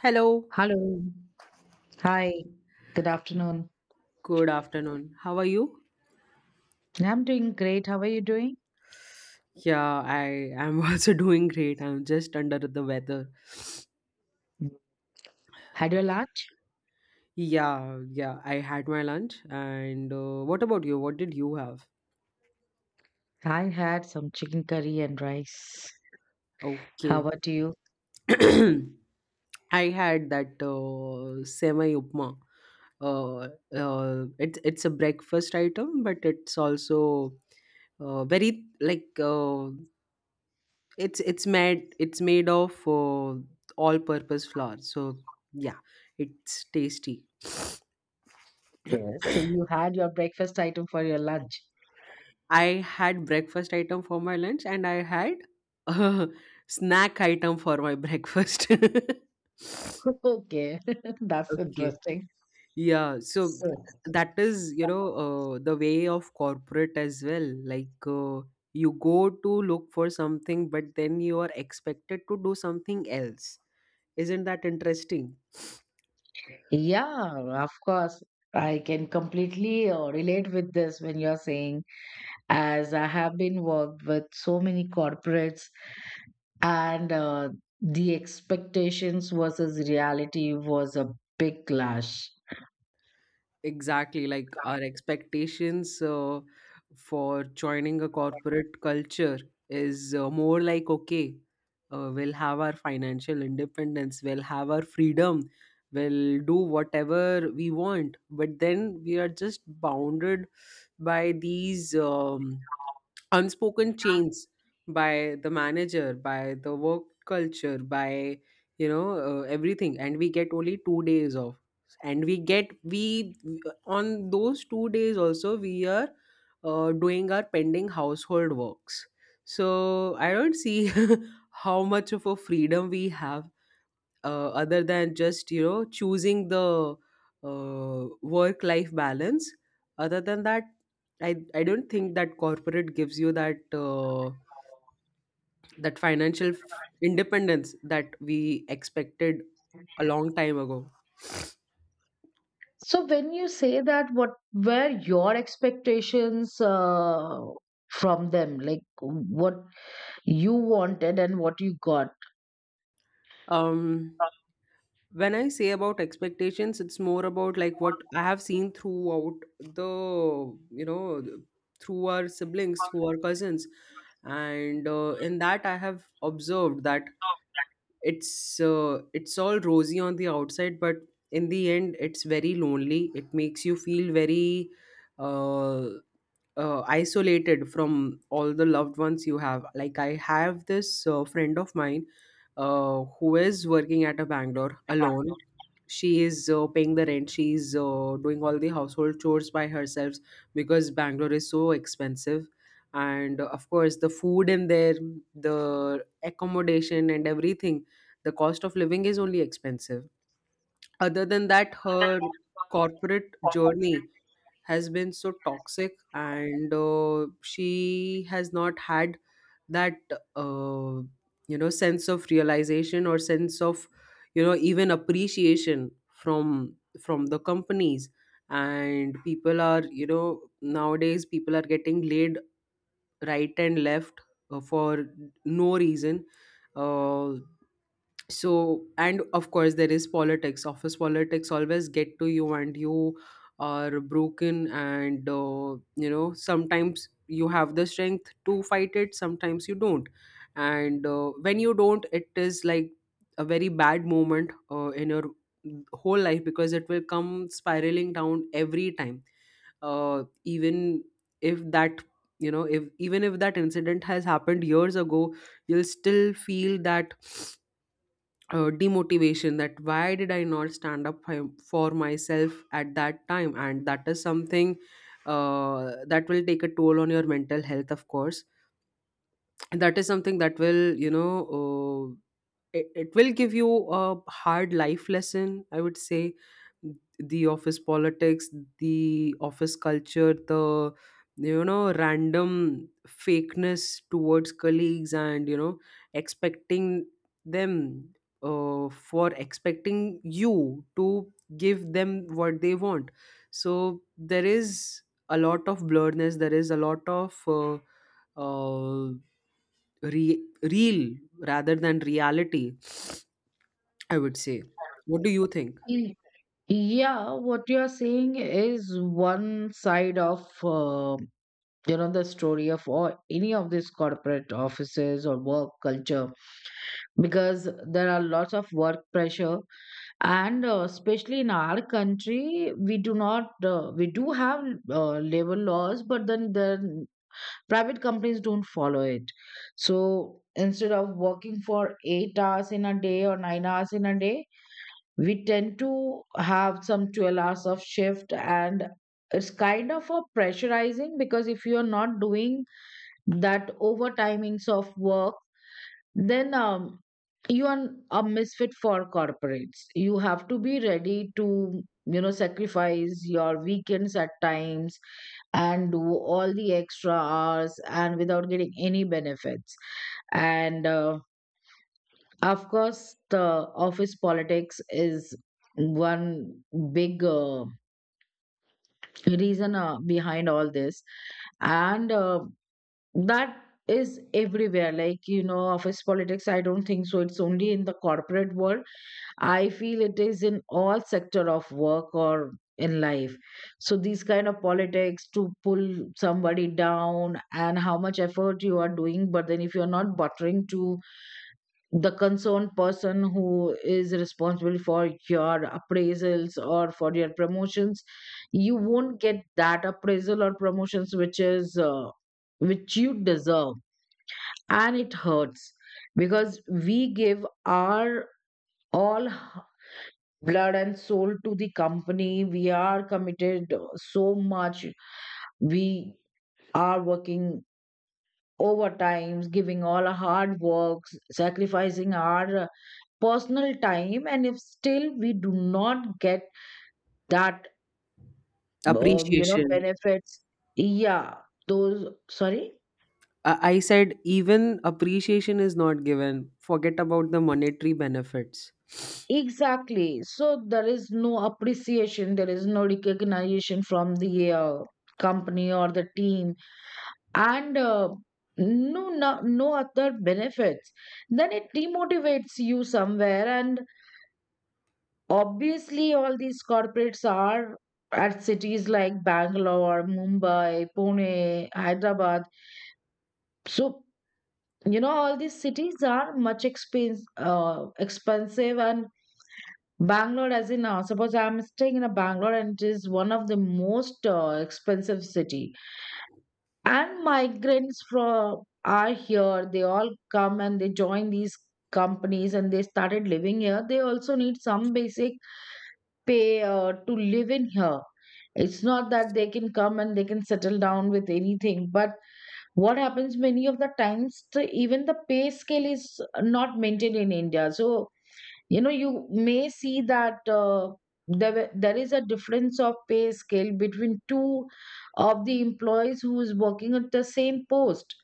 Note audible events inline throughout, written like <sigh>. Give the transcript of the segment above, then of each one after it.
Hello, Hello. Hi. Good afternoon. good afternoon. How are you? I'm doing great. How are you doing? Yeah, I am <laughs> also doing great. I'm just under the weather. Had your lunch? Yeah, yeah, I had my lunch. And what about you? What did you have? I had some chicken curry and rice. How Okay. about you? <clears throat> I had that semi upma. Uh, it's a breakfast item, but it's also very like uh, it's made of all purpose flour. So yeah, it's tasty. Yes. So you had your breakfast item for your lunch. I had breakfast item for my lunch and I had a <laughs> snack item for my breakfast. <laughs> <laughs> Okay. <laughs> That's Okay. interesting. Yeah. So So, that is, the way of corporate as well. You go to look for something, but then you are expected to do something else. Isn't that interesting? yeah, of course. I can completely relate with this when you're saying, as I have been worked with so many corporates, and the expectations versus reality was a big clash. Exactly, like our expectations for joining a corporate culture is more like, okay, we'll have our financial independence, we'll have our freedom, we'll do whatever we want, but then we are just bounded by these unspoken chains by the manager, by the work culture, by everything, and we get only 2 days off, and we get we on those 2 days also we are doing our pending household works. So I don't see <laughs> how much of a freedom we have, other than just, you know, choosing the work life balance. Other than that, I don't think that corporate gives you that that financial independence that we expected a long time ago. So when you say that, what were your expectations from them? Like what you wanted and what you got. Um, when I say about expectations, it's more about like what I have seen throughout the, you know th- through our siblings, through our cousins. And in that I have observed that it's all rosy on the outside, but in the end it's very lonely. It makes you feel very uh, isolated from all the loved ones you have. Like, I have this friend of mine, who is working at a Bangalore alone. She is paying the rent. She is doing all the household chores by herself because Bangalore is so expensive. And of course, the food in there, the accommodation, and everything, the cost of living is only expensive. Other than that, her corporate journey has been so toxic, and she has not had that uh, you know, sense of realization or sense of, you know, even appreciation from the companies. And people are, you know, nowadays people are getting laid right and left, for no reason. uh, so, and of course there is politics, office politics always get to you, and you are broken, and you know, sometimes you have the strength to fight it, sometimes you don't. And when you don't, it is like a very bad moment in your whole life, because it will come spiraling down every time, even if that, you know, if even if that incident has happened years ago, you'll still feel that demotivation, that why did I not stand up for myself at that time. And that is something, that will take a toll on your mental health, of course. And that is something that will, uh, it will give you a hard life lesson, I would say. The office politics, the office culture, the, you know, random fakeness towards colleagues, and, you know, expecting them, for expecting you to give them what they want. So there is a lot of blurredness, there is a lot of uh, real rather than reality, I would say. What do you think? Mm. Yeah, what you are saying is one side of the story of or any of these corporate offices or work culture, because there are lots of work pressure. And especially in our country, we do not we do have labor laws, but then the private companies don't follow it. So instead of working for 8 hours in a day or 9 hours in a day, we tend to have some 12 hours of shift. And it's kind of a pressurizing because if you are not doing that overtimings of work, then you are a misfit for corporates. You have to be ready to sacrifice your weekends at times and do all the extra hours, and without getting any benefits. And of course the office politics is one big reason behind all this. And that is everywhere. Like, you know, office politics, I don't think so it's only in the corporate world. I feel it is in all sector of work or in life. So these kind of politics to pull somebody down, and how much effort you are doing, but then if you're not buttering to the concerned person who is responsible for your appraisals or for your promotions, you won't get that appraisal or promotions, which you deserve, and it hurts, because we give our all blood and soul to the company. We are committed so much. We are working overtimes, giving all our hard works, sacrificing our personal time. And if still we do not get that, Appreciation. benefits, yeah, those, sorry. I said even appreciation is not given. Forget about the monetary benefits. Exactly. So there is no appreciation, there is no recognition from the company or the team, and no, no, no other benefits. Then it demotivates you somewhere. And obviously all these corporates are at cities like Bangalore, Mumbai, Pune, Hyderabad. So, you know, all these cities are much expensive. And Bangalore, as in suppose I'm staying in a Bangalore, and it is one of the most expensive city, and migrants from are here, they all come and they join these companies, and they started living here. They also need some basic pay to live in here. It's not that they can come and they can settle down with anything, but what happens many of the times, even the pay scale is not maintained in India. So, you know, you may see that there is a difference of pay scale between two of the employees who is working at the same post.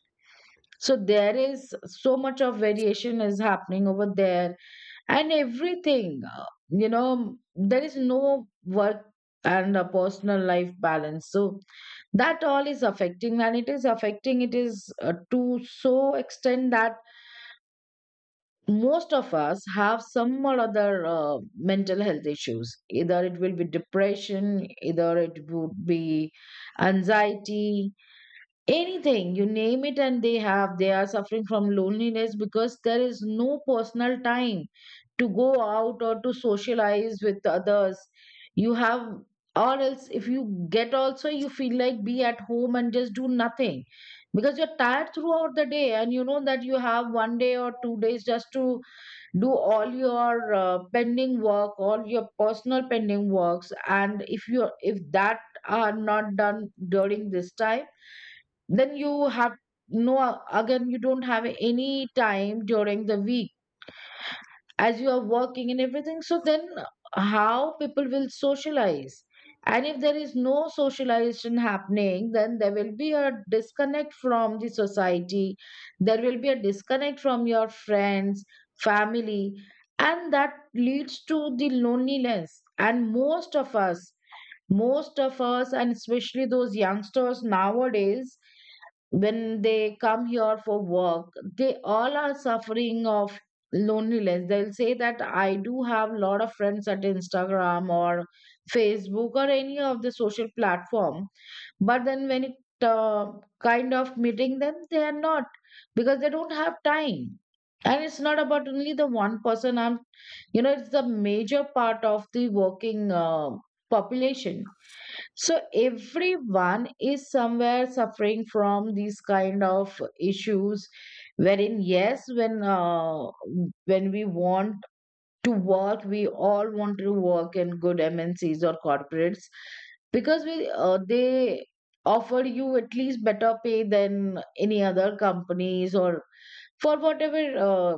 So there is so much of variation is happening over there, and everything, there is no work and a personal life balance. So that all is affecting, and it is affecting, it is to so extent that most of us have some or other mental health issues. Either it will be depression, either it would be anxiety, anything you name it. And they are suffering from loneliness because there is no personal time to go out or to socialize with others. You have, or else if you get also, you feel like be at home and just do nothing, because you're tired throughout the day. And you know that you have one day or 2 days just to do all your pending work, all your personal pending works. And if that are not done during this time, then you have no, again you don't have any time during the week, as you are working and everything. So then how people will socialize? And if there is no socialization happening, then there will be a disconnect from the society, there will be a disconnect from your friends, family. And that leads to the loneliness. And most of us, and especially those youngsters nowadays, when they come here for work, they all are suffering of loneliness. They'll say that I do have a lot of friends at Instagram or Facebook or any of the social platform. But then when it kind of meeting them, they are not, because they don't have time. And it's not about only the one person. I'm you know It's the major part of the working population. So everyone is somewhere suffering from these kind of issues, wherein yes, when we want to work, we all want to work in good MNCs or corporates, because we they offer you at least better pay than any other companies, or for whatever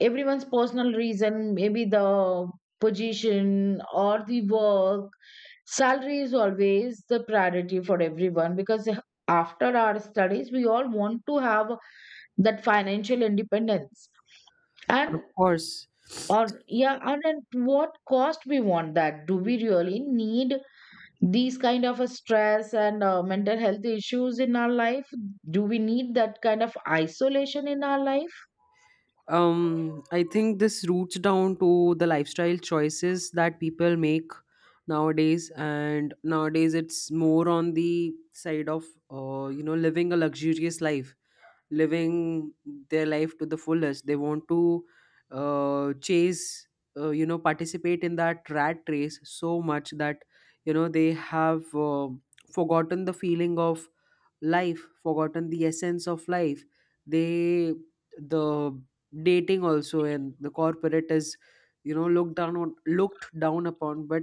everyone's personal reason, maybe the position or the work. Salary is always the priority for everyone, because after our studies, we all want to have that financial independence. And Of course. or Yeah, and at what cost we want that? Do we really need these kind of a stress and mental health issues in our life? Do we need that kind of isolation in our life? Um, I think this roots down to the lifestyle choices that people make nowadays, and nowadays it's more on the side of, you know, living a luxurious life, living their life to the fullest. They want to chase, you know, participate in that rat race so much that, you know, they have forgotten the feeling of life, forgotten the essence of life. They the dating also and the corporate is, you know, looked down upon, but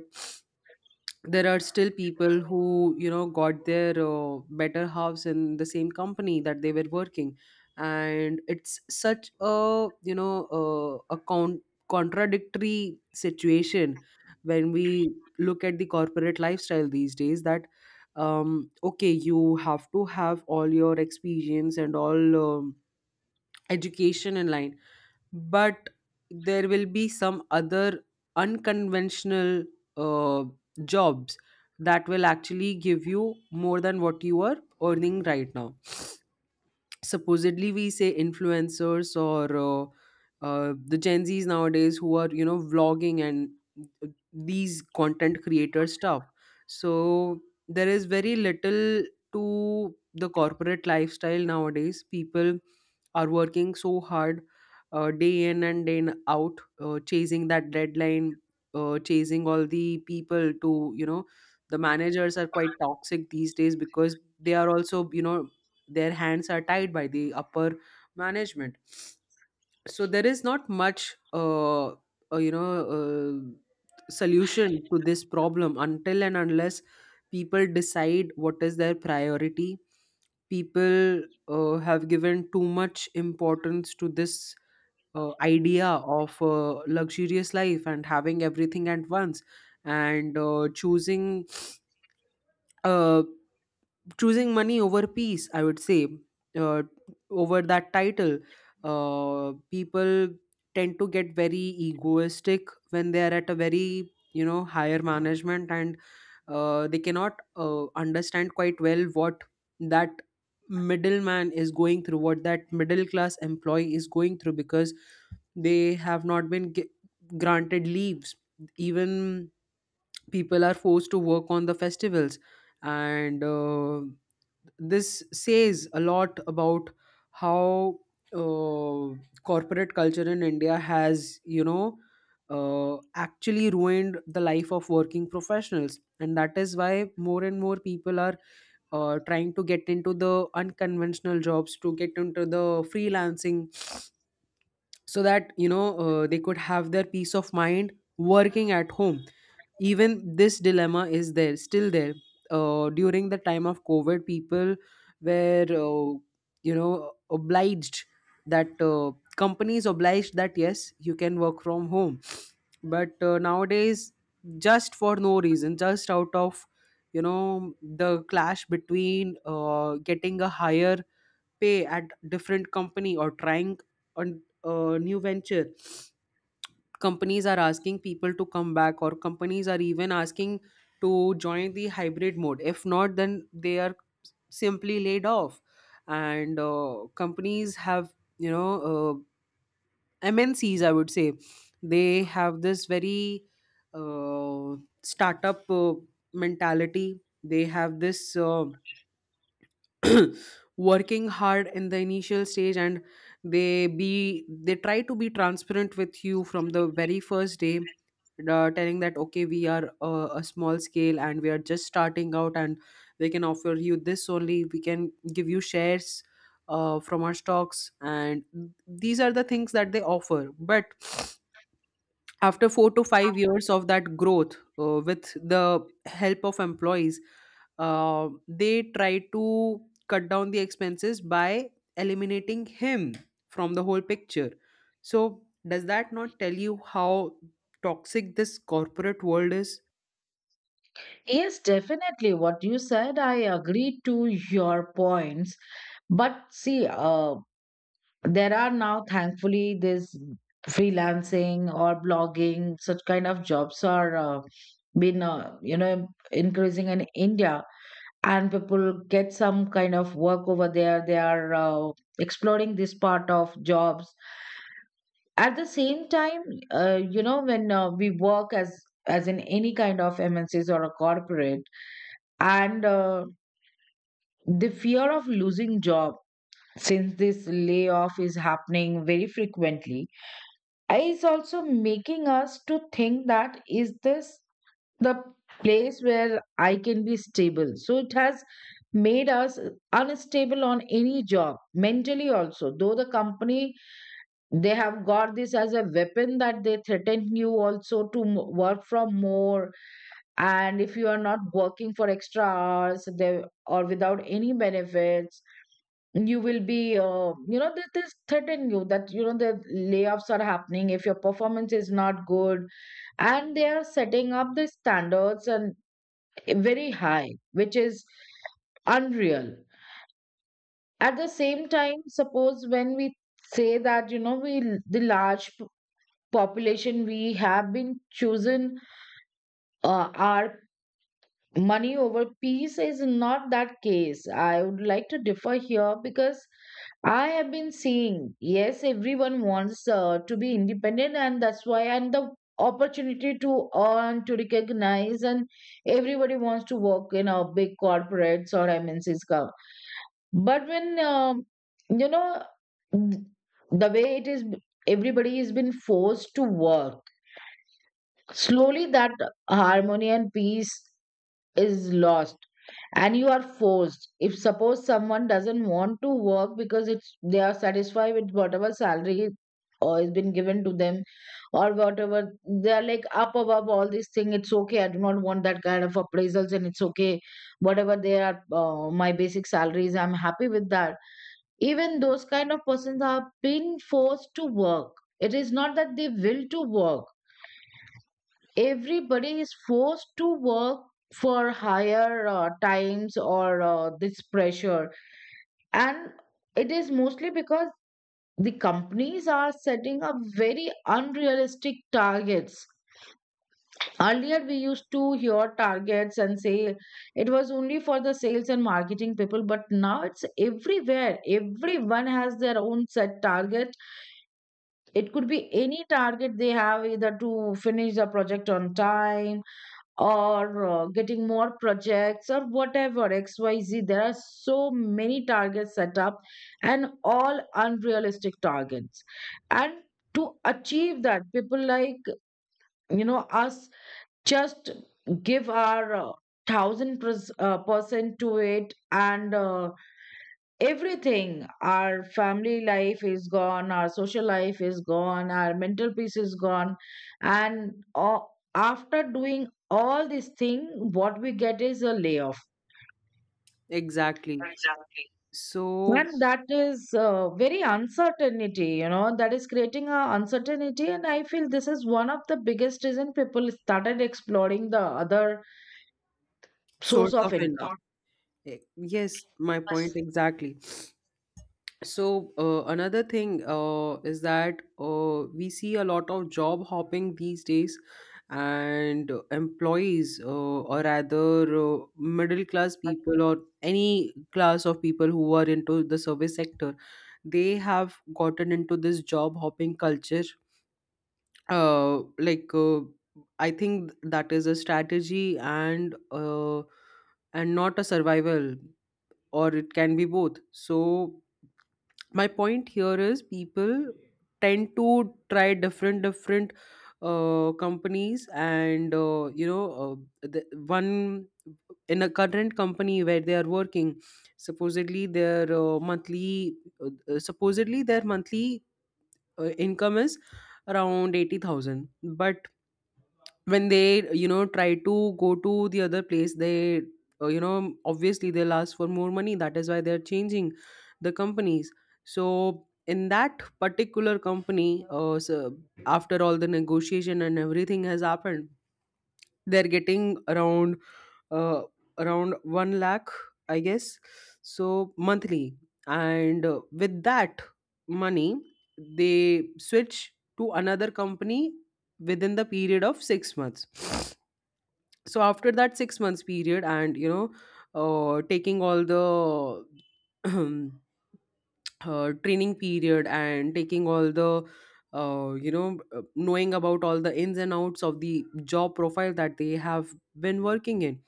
there are still people who, you know, got their better halves in the same company that they were working. And it's such a, you know, uh, a con- contradictory situation when we look at the corporate lifestyle these days. That, um, okay, you have to have all your experience and all, education in line, but there will be some other unconventional uh, jobs that will actually give you more than what you are earning right now. Supposedly we say influencers, or the Gen Zs nowadays who are, you know, vlogging and these content creator stuff. So there is very little to the corporate lifestyle nowadays. People are working so hard, day in and out, chasing that deadline, chasing all the people to, you know. The managers are quite toxic these days because they are also, you know, their hands are tied by the upper management. So there is not much solution to this problem until and unless people decide what is their priority. People have given too much importance to this idea of luxurious life and having everything at once, and choosing uh, choosing money over peace, I would say, uh, over that title. People tend to get very egoistic when they are at a very, you know, higher management. And they cannot understand quite well what that middleman is going through, what that middle class employee is going through, because they have not been granted leaves. Even people are forced to work on the festivals. And this says a lot about how uh, corporate culture in India has, you know, actually ruined the life of working professionals. And that is why more and more people are trying to get into the unconventional jobs, to get into the freelancing, so that, you know, they could have their peace of mind working at home. Even this dilemma is there still there. During the time of COVID, people were, you know, obliged, that companies obliged that yes, you can work from home. But nowadays, just for no reason, just out of, you know, the clash between, getting a higher pay at different company, or trying on a new venture, companies are asking people to come back, or companies are even asking to join the hybrid mode. If not, then they are simply laid off. And companies have, you know, MNCs I would say, they have this very uh, startup mentality. They have this <clears throat> working hard in the initial stage. And they try to be transparent with you from the very first day, telling that okay, we are a small scale and we are just starting out, and we can offer you this only, we can give you shares from our stocks, and these are the things that they offer. But after 4 to 5 years of that growth, with the help of employees, they try to cut down the expenses by eliminating him from the whole picture. So does that not tell you how toxic this corporate world is? Yes, definitely. What you said, I agree to your points. But see, there are now, thankfully, this freelancing or blogging, such kind of jobs are been, increasing in India, and people get some kind of work over there. They are exploring this part of jobs. At the same time, when we work as in any kind of MNCs or a corporate, and the fear of losing job, since this layoff is happening very frequently, is also making us to think that is this the place where I can be stable. So it has made us unstable on any job mentally also, though the company, they have got this as a weapon, that they threaten you also to work from more, and if you are not working for extra hours, they or without any benefits, you will be that is threatening you, that you know the layoffs are happening if your performance is not good, and they are setting up the standards, and very high, which is unreal. At the same time, suppose when we say that, we, the large population, we have been chosen our money over peace, is not that case. I would like to differ here, because I have been seeing, yes, everyone wants to be independent, and that's why, and the opportunity to earn, to recognize, and everybody wants to work in a big corporates or MNCs. But when, you know, th- the way it is, everybody has been forced to work, slowly that harmony and peace is lost, and you are forced, if suppose someone doesn't want to work because it's they are satisfied with whatever salary or is been given to them, or whatever they are, like up above all these thing, it's okay, I do not want that kind of appraisals, and it's okay whatever they are, my basic salaries, I'm happy with that. Even those kind of persons are being forced to work, it is not that they will to work. Everybody is forced to work for higher times or this pressure. And it is mostly because the companies are setting up very unrealistic targets. Earlier we used to hear targets and say it was only for the sales and marketing people, but now it's everywhere, everyone has their own set target. It could be any target they have, either to finish the project on time, or getting more projects, or whatever XYZ. There are so many targets set up, and all unrealistic targets. And to achieve that, people like, you know, us, just give our thousand percent to it. And everything, our family life is gone, our social life is gone, our mental peace is gone. And a- after doing all this thing, what we get is a layoff. Exactly. Exactly. So, And that is very uncertainty, you know, that is creating a uncertainty. And I feel this is one of the biggest reason people started exploring the other source source of of income. income. Yes, my point exactly. So another thing is that we see a lot of job hopping these days, and employees, or rather middle class people, or any class of people who are into the service sector, they have gotten into this job hopping culture. Uh, like uh, I think that is a strategy, and and not a survival, or it can be both. So my point here is people tend to try different companies and you know the one in a current company where they are working, supposedly their monthly supposedly their monthly income is around 80,000, but when they try to go to the other place, they obviously they'll ask for more money. That is why they're changing the companies. So in that particular company, so after all the negotiation and everything has happened, they're getting around uh, around 1 lakh, I guess, so monthly. And with that money they switch to another company within the period of 6 months. So after that 6 months period, and taking all the <clears throat> training period, and taking all the knowing about all the ins and outs of the job profile that they have been working in,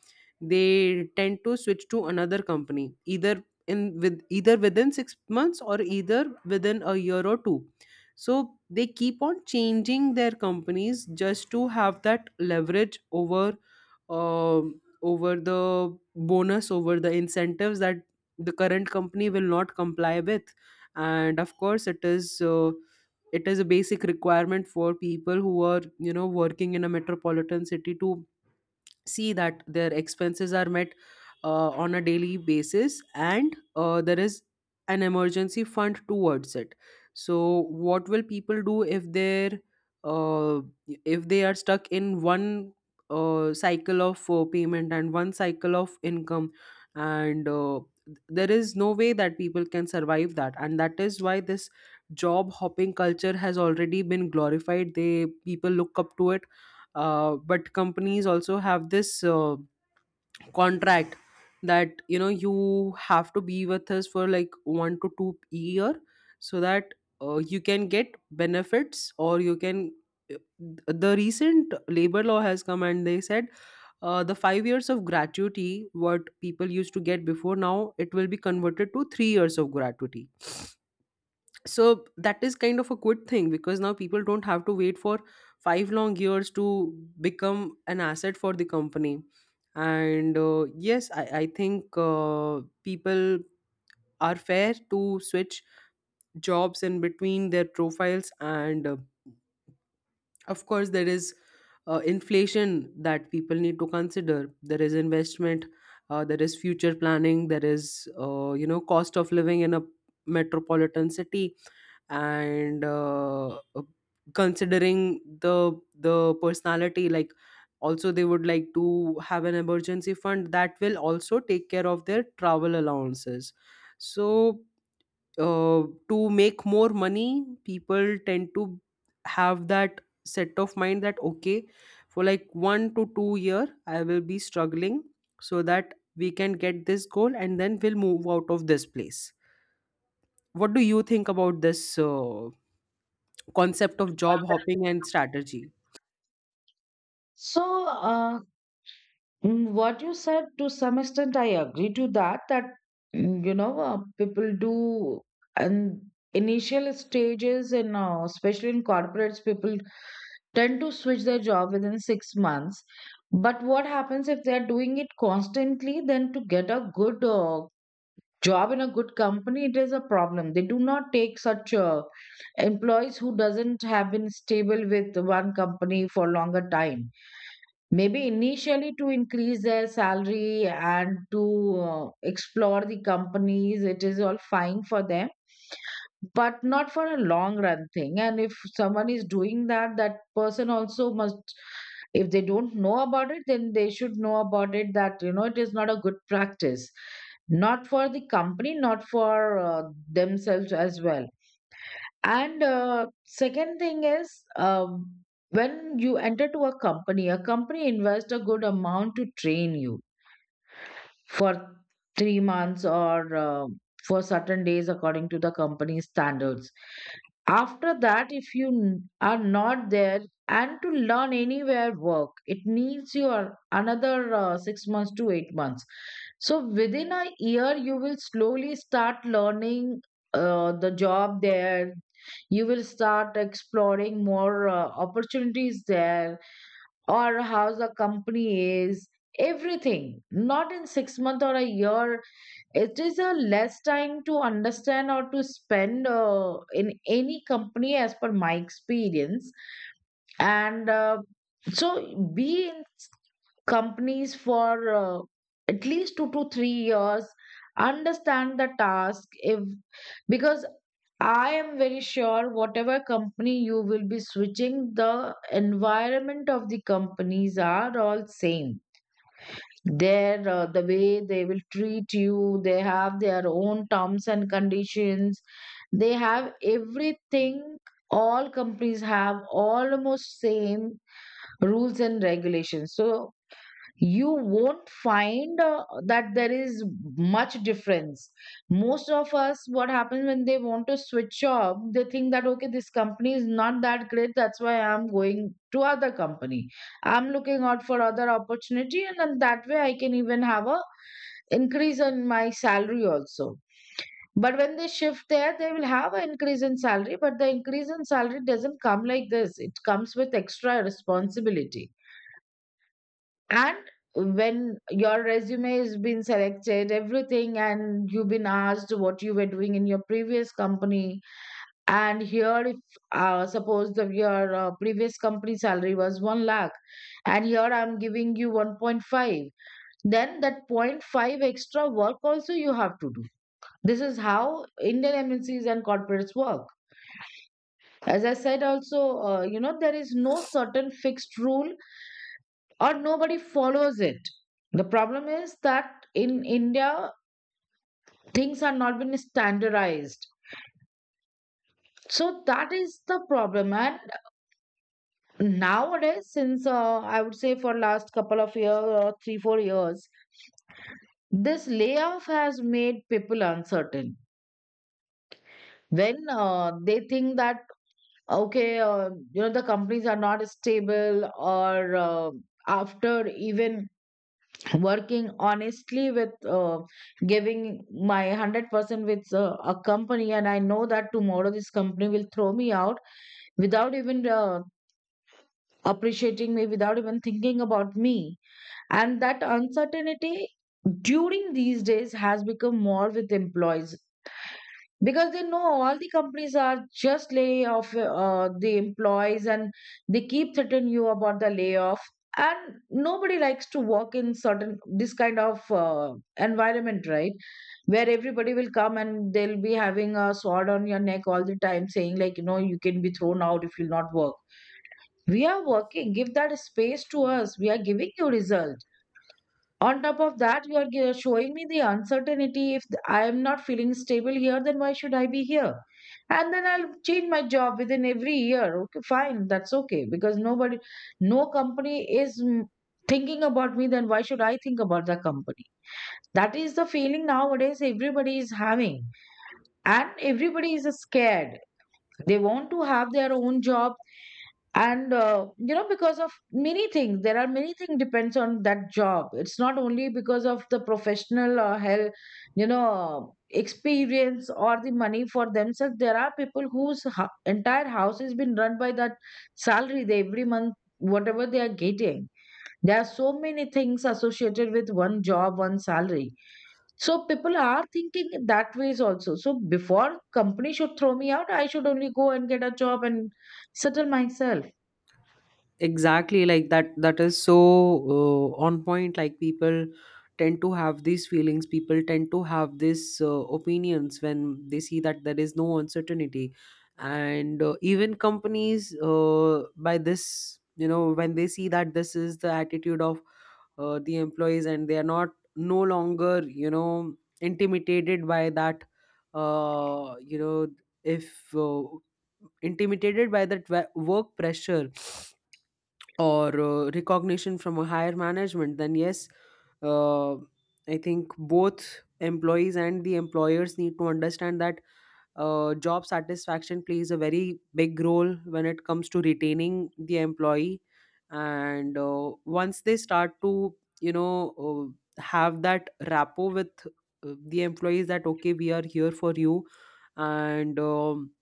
they tend to switch to another company either in with either within 6 months or either within a year or two. So they keep on changing their companies just to have that leverage over, over the bonus, over the incentives that the current company will not comply with. And of course it is a basic requirement for people who are, you know, working in a metropolitan city, to see that their expenses are met on a daily basis, and there is an emergency fund towards it. So what will people do if they're uh, if they are stuck in one cycle of payment and one cycle of income, and there is no way that people can survive that. And that is why this job hopping culture has already been glorified. They, people look up to it. But companies also have this contract that, you know, you have to be with us for like 1 to 2 year, so that you can get benefits, or you can uh, the recent labor law has come and they said the 5 years of gratuity what people used to get before, now it will be converted to 3 years of gratuity. So that is kind of a good thing, because now people don't have to wait for 5 long years to become an asset for the company. And yes, I think people are fair to switch jobs in between their profiles. And of course there is inflation that people need to consider, there is investment, there is future planning, there is, cost of living in a metropolitan city. And considering the personality, like, also they would like to have an emergency fund that will also take care of their travel allowances. So uh, to make more money people tend to have that set of mind that, okay, for like 1 to 2 year I will be struggling, so that we can get this goal and then we'll move out of this place. What do you think about this concept of job hopping and strategy? So, what you said, to some extent, I agree to that, that, people do, and initial stages in, especially in corporates, people tend to switch their job within 6 months. But what happens if they're doing it constantly, then to get a good, job in a good company, it is a problem. They do not take such, employees who doesn't have been stable with one company for longer time. Maybe initially to increase their salary and to explore the companies, it is all fine for them, but not for a long run thing. And if someone is doing that, that person also must, if they don't know about it, then they should know about it that, you know, it is not a good practice, not for the company, not for themselves as well. And second thing is when you enter to a company invests a good amount to train you for three months or for certain days according to the company's standards. After that, if you are not there and to learn anywhere work, it needs your another six months to eight months. So within a year, you will slowly start learning the job there. You will start exploring more opportunities there, or how the company is, everything not in 6 months or a year. It is a less time to understand or to spend in any company as per my experience. And so be in companies for at least two to three years, understand the task, if, because I am very sure whatever company you will be switching, the environment of the companies are all same. Their, the way they will treat you, they have their own terms and conditions, they have everything. All companies have almost same rules and regulations, so you won't find that there is much difference. Most of us, what happens when they want to switch off, they think that, okay, this company is not that great, that's why I'm going to other company, I'm looking out for other opportunity, and then that way I can even have a increase in my salary also. But when they shift there, they will have an increase in salary, but the increase in salary doesn't come like this, it comes with extra responsibility. And when your resume has been selected, everything, and you've been asked what you were doing in your previous company, and here, if suppose the your previous company salary was 1 lakh, and here I'm giving you 1.5, then that 0. 0.5 extra work also you have to do. This is how Indian MNCs and corporates work. As I said, also, you know, there is no certain fixed rule or nobody follows it. The problem is that in India, things are not been standardized. So that is the problem. And nowadays, since I would say for last couple of years or three, four years, this layoff has made people uncertain. When they think that, okay, you know, the companies are not stable, or after even working honestly with giving my 100% with a company, and I know that tomorrow this company will throw me out without even appreciating me, without even thinking about me, and that uncertainty during these days has become more with employees, because they know all the companies are just laying off the employees, and they keep threatening you about the layoff, and nobody likes to work in certain this kind of environment, right? Where everybody will come and they'll be having a sword on your neck all the time, saying like, you know, you can be thrown out if you'll not work. We are working, give that space to us, we are giving you results. On top of that, you are showing me the uncertainty. If I am not feeling stable here, then why should I be here? And then I'll change my job within every year. Okay, fine, that's okay, because nobody, no company is thinking about me, then why should I think about the company? That is the feeling nowadays everybody is having, and everybody is scared, they want to have their own job. And you know, because of many things, there are many things depends on that job. It's not only because of the professional or hell, you know, experience, or the money for themselves. There are people whose entire house has been run by that salary they every month whatever they are getting. There are so many things associated with one job, one salary. So people are thinking in that ways also, so before company should throw me out, I should only go and get a job and settle myself. Exactly, like that, that is so on point. Like, people tend to have these feelings, people tend to have these opinions when they see that there is no uncertainty. And even companies, by this, you know, when they see that this is the attitude of the employees, and they are not no longer, you know, intimidated by that, you know if intimidated by that work pressure, or recognition from a higher management, then yes, uh, I think both employees and the employers need to understand that job satisfaction plays a very big role when it comes to retaining the employee. And once they start to, you know, have that rapport with the employees that, okay, we are here for you. And,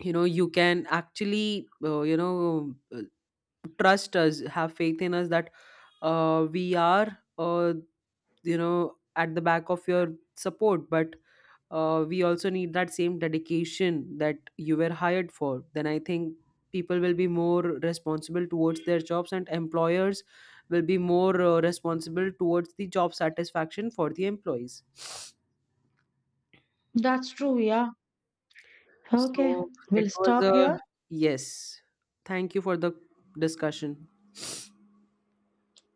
you know, you can actually, you know, trust us, have faith in us, that we are, you know, at the back of your support. But we also need that same dedication that you were hired for. Then I think people will be more responsible towards their jobs, and employers will be more responsible towards the job satisfaction for the employees. That's true, yeah. Okay, So it we'll was stop a, here. yes, thank you for the discussion.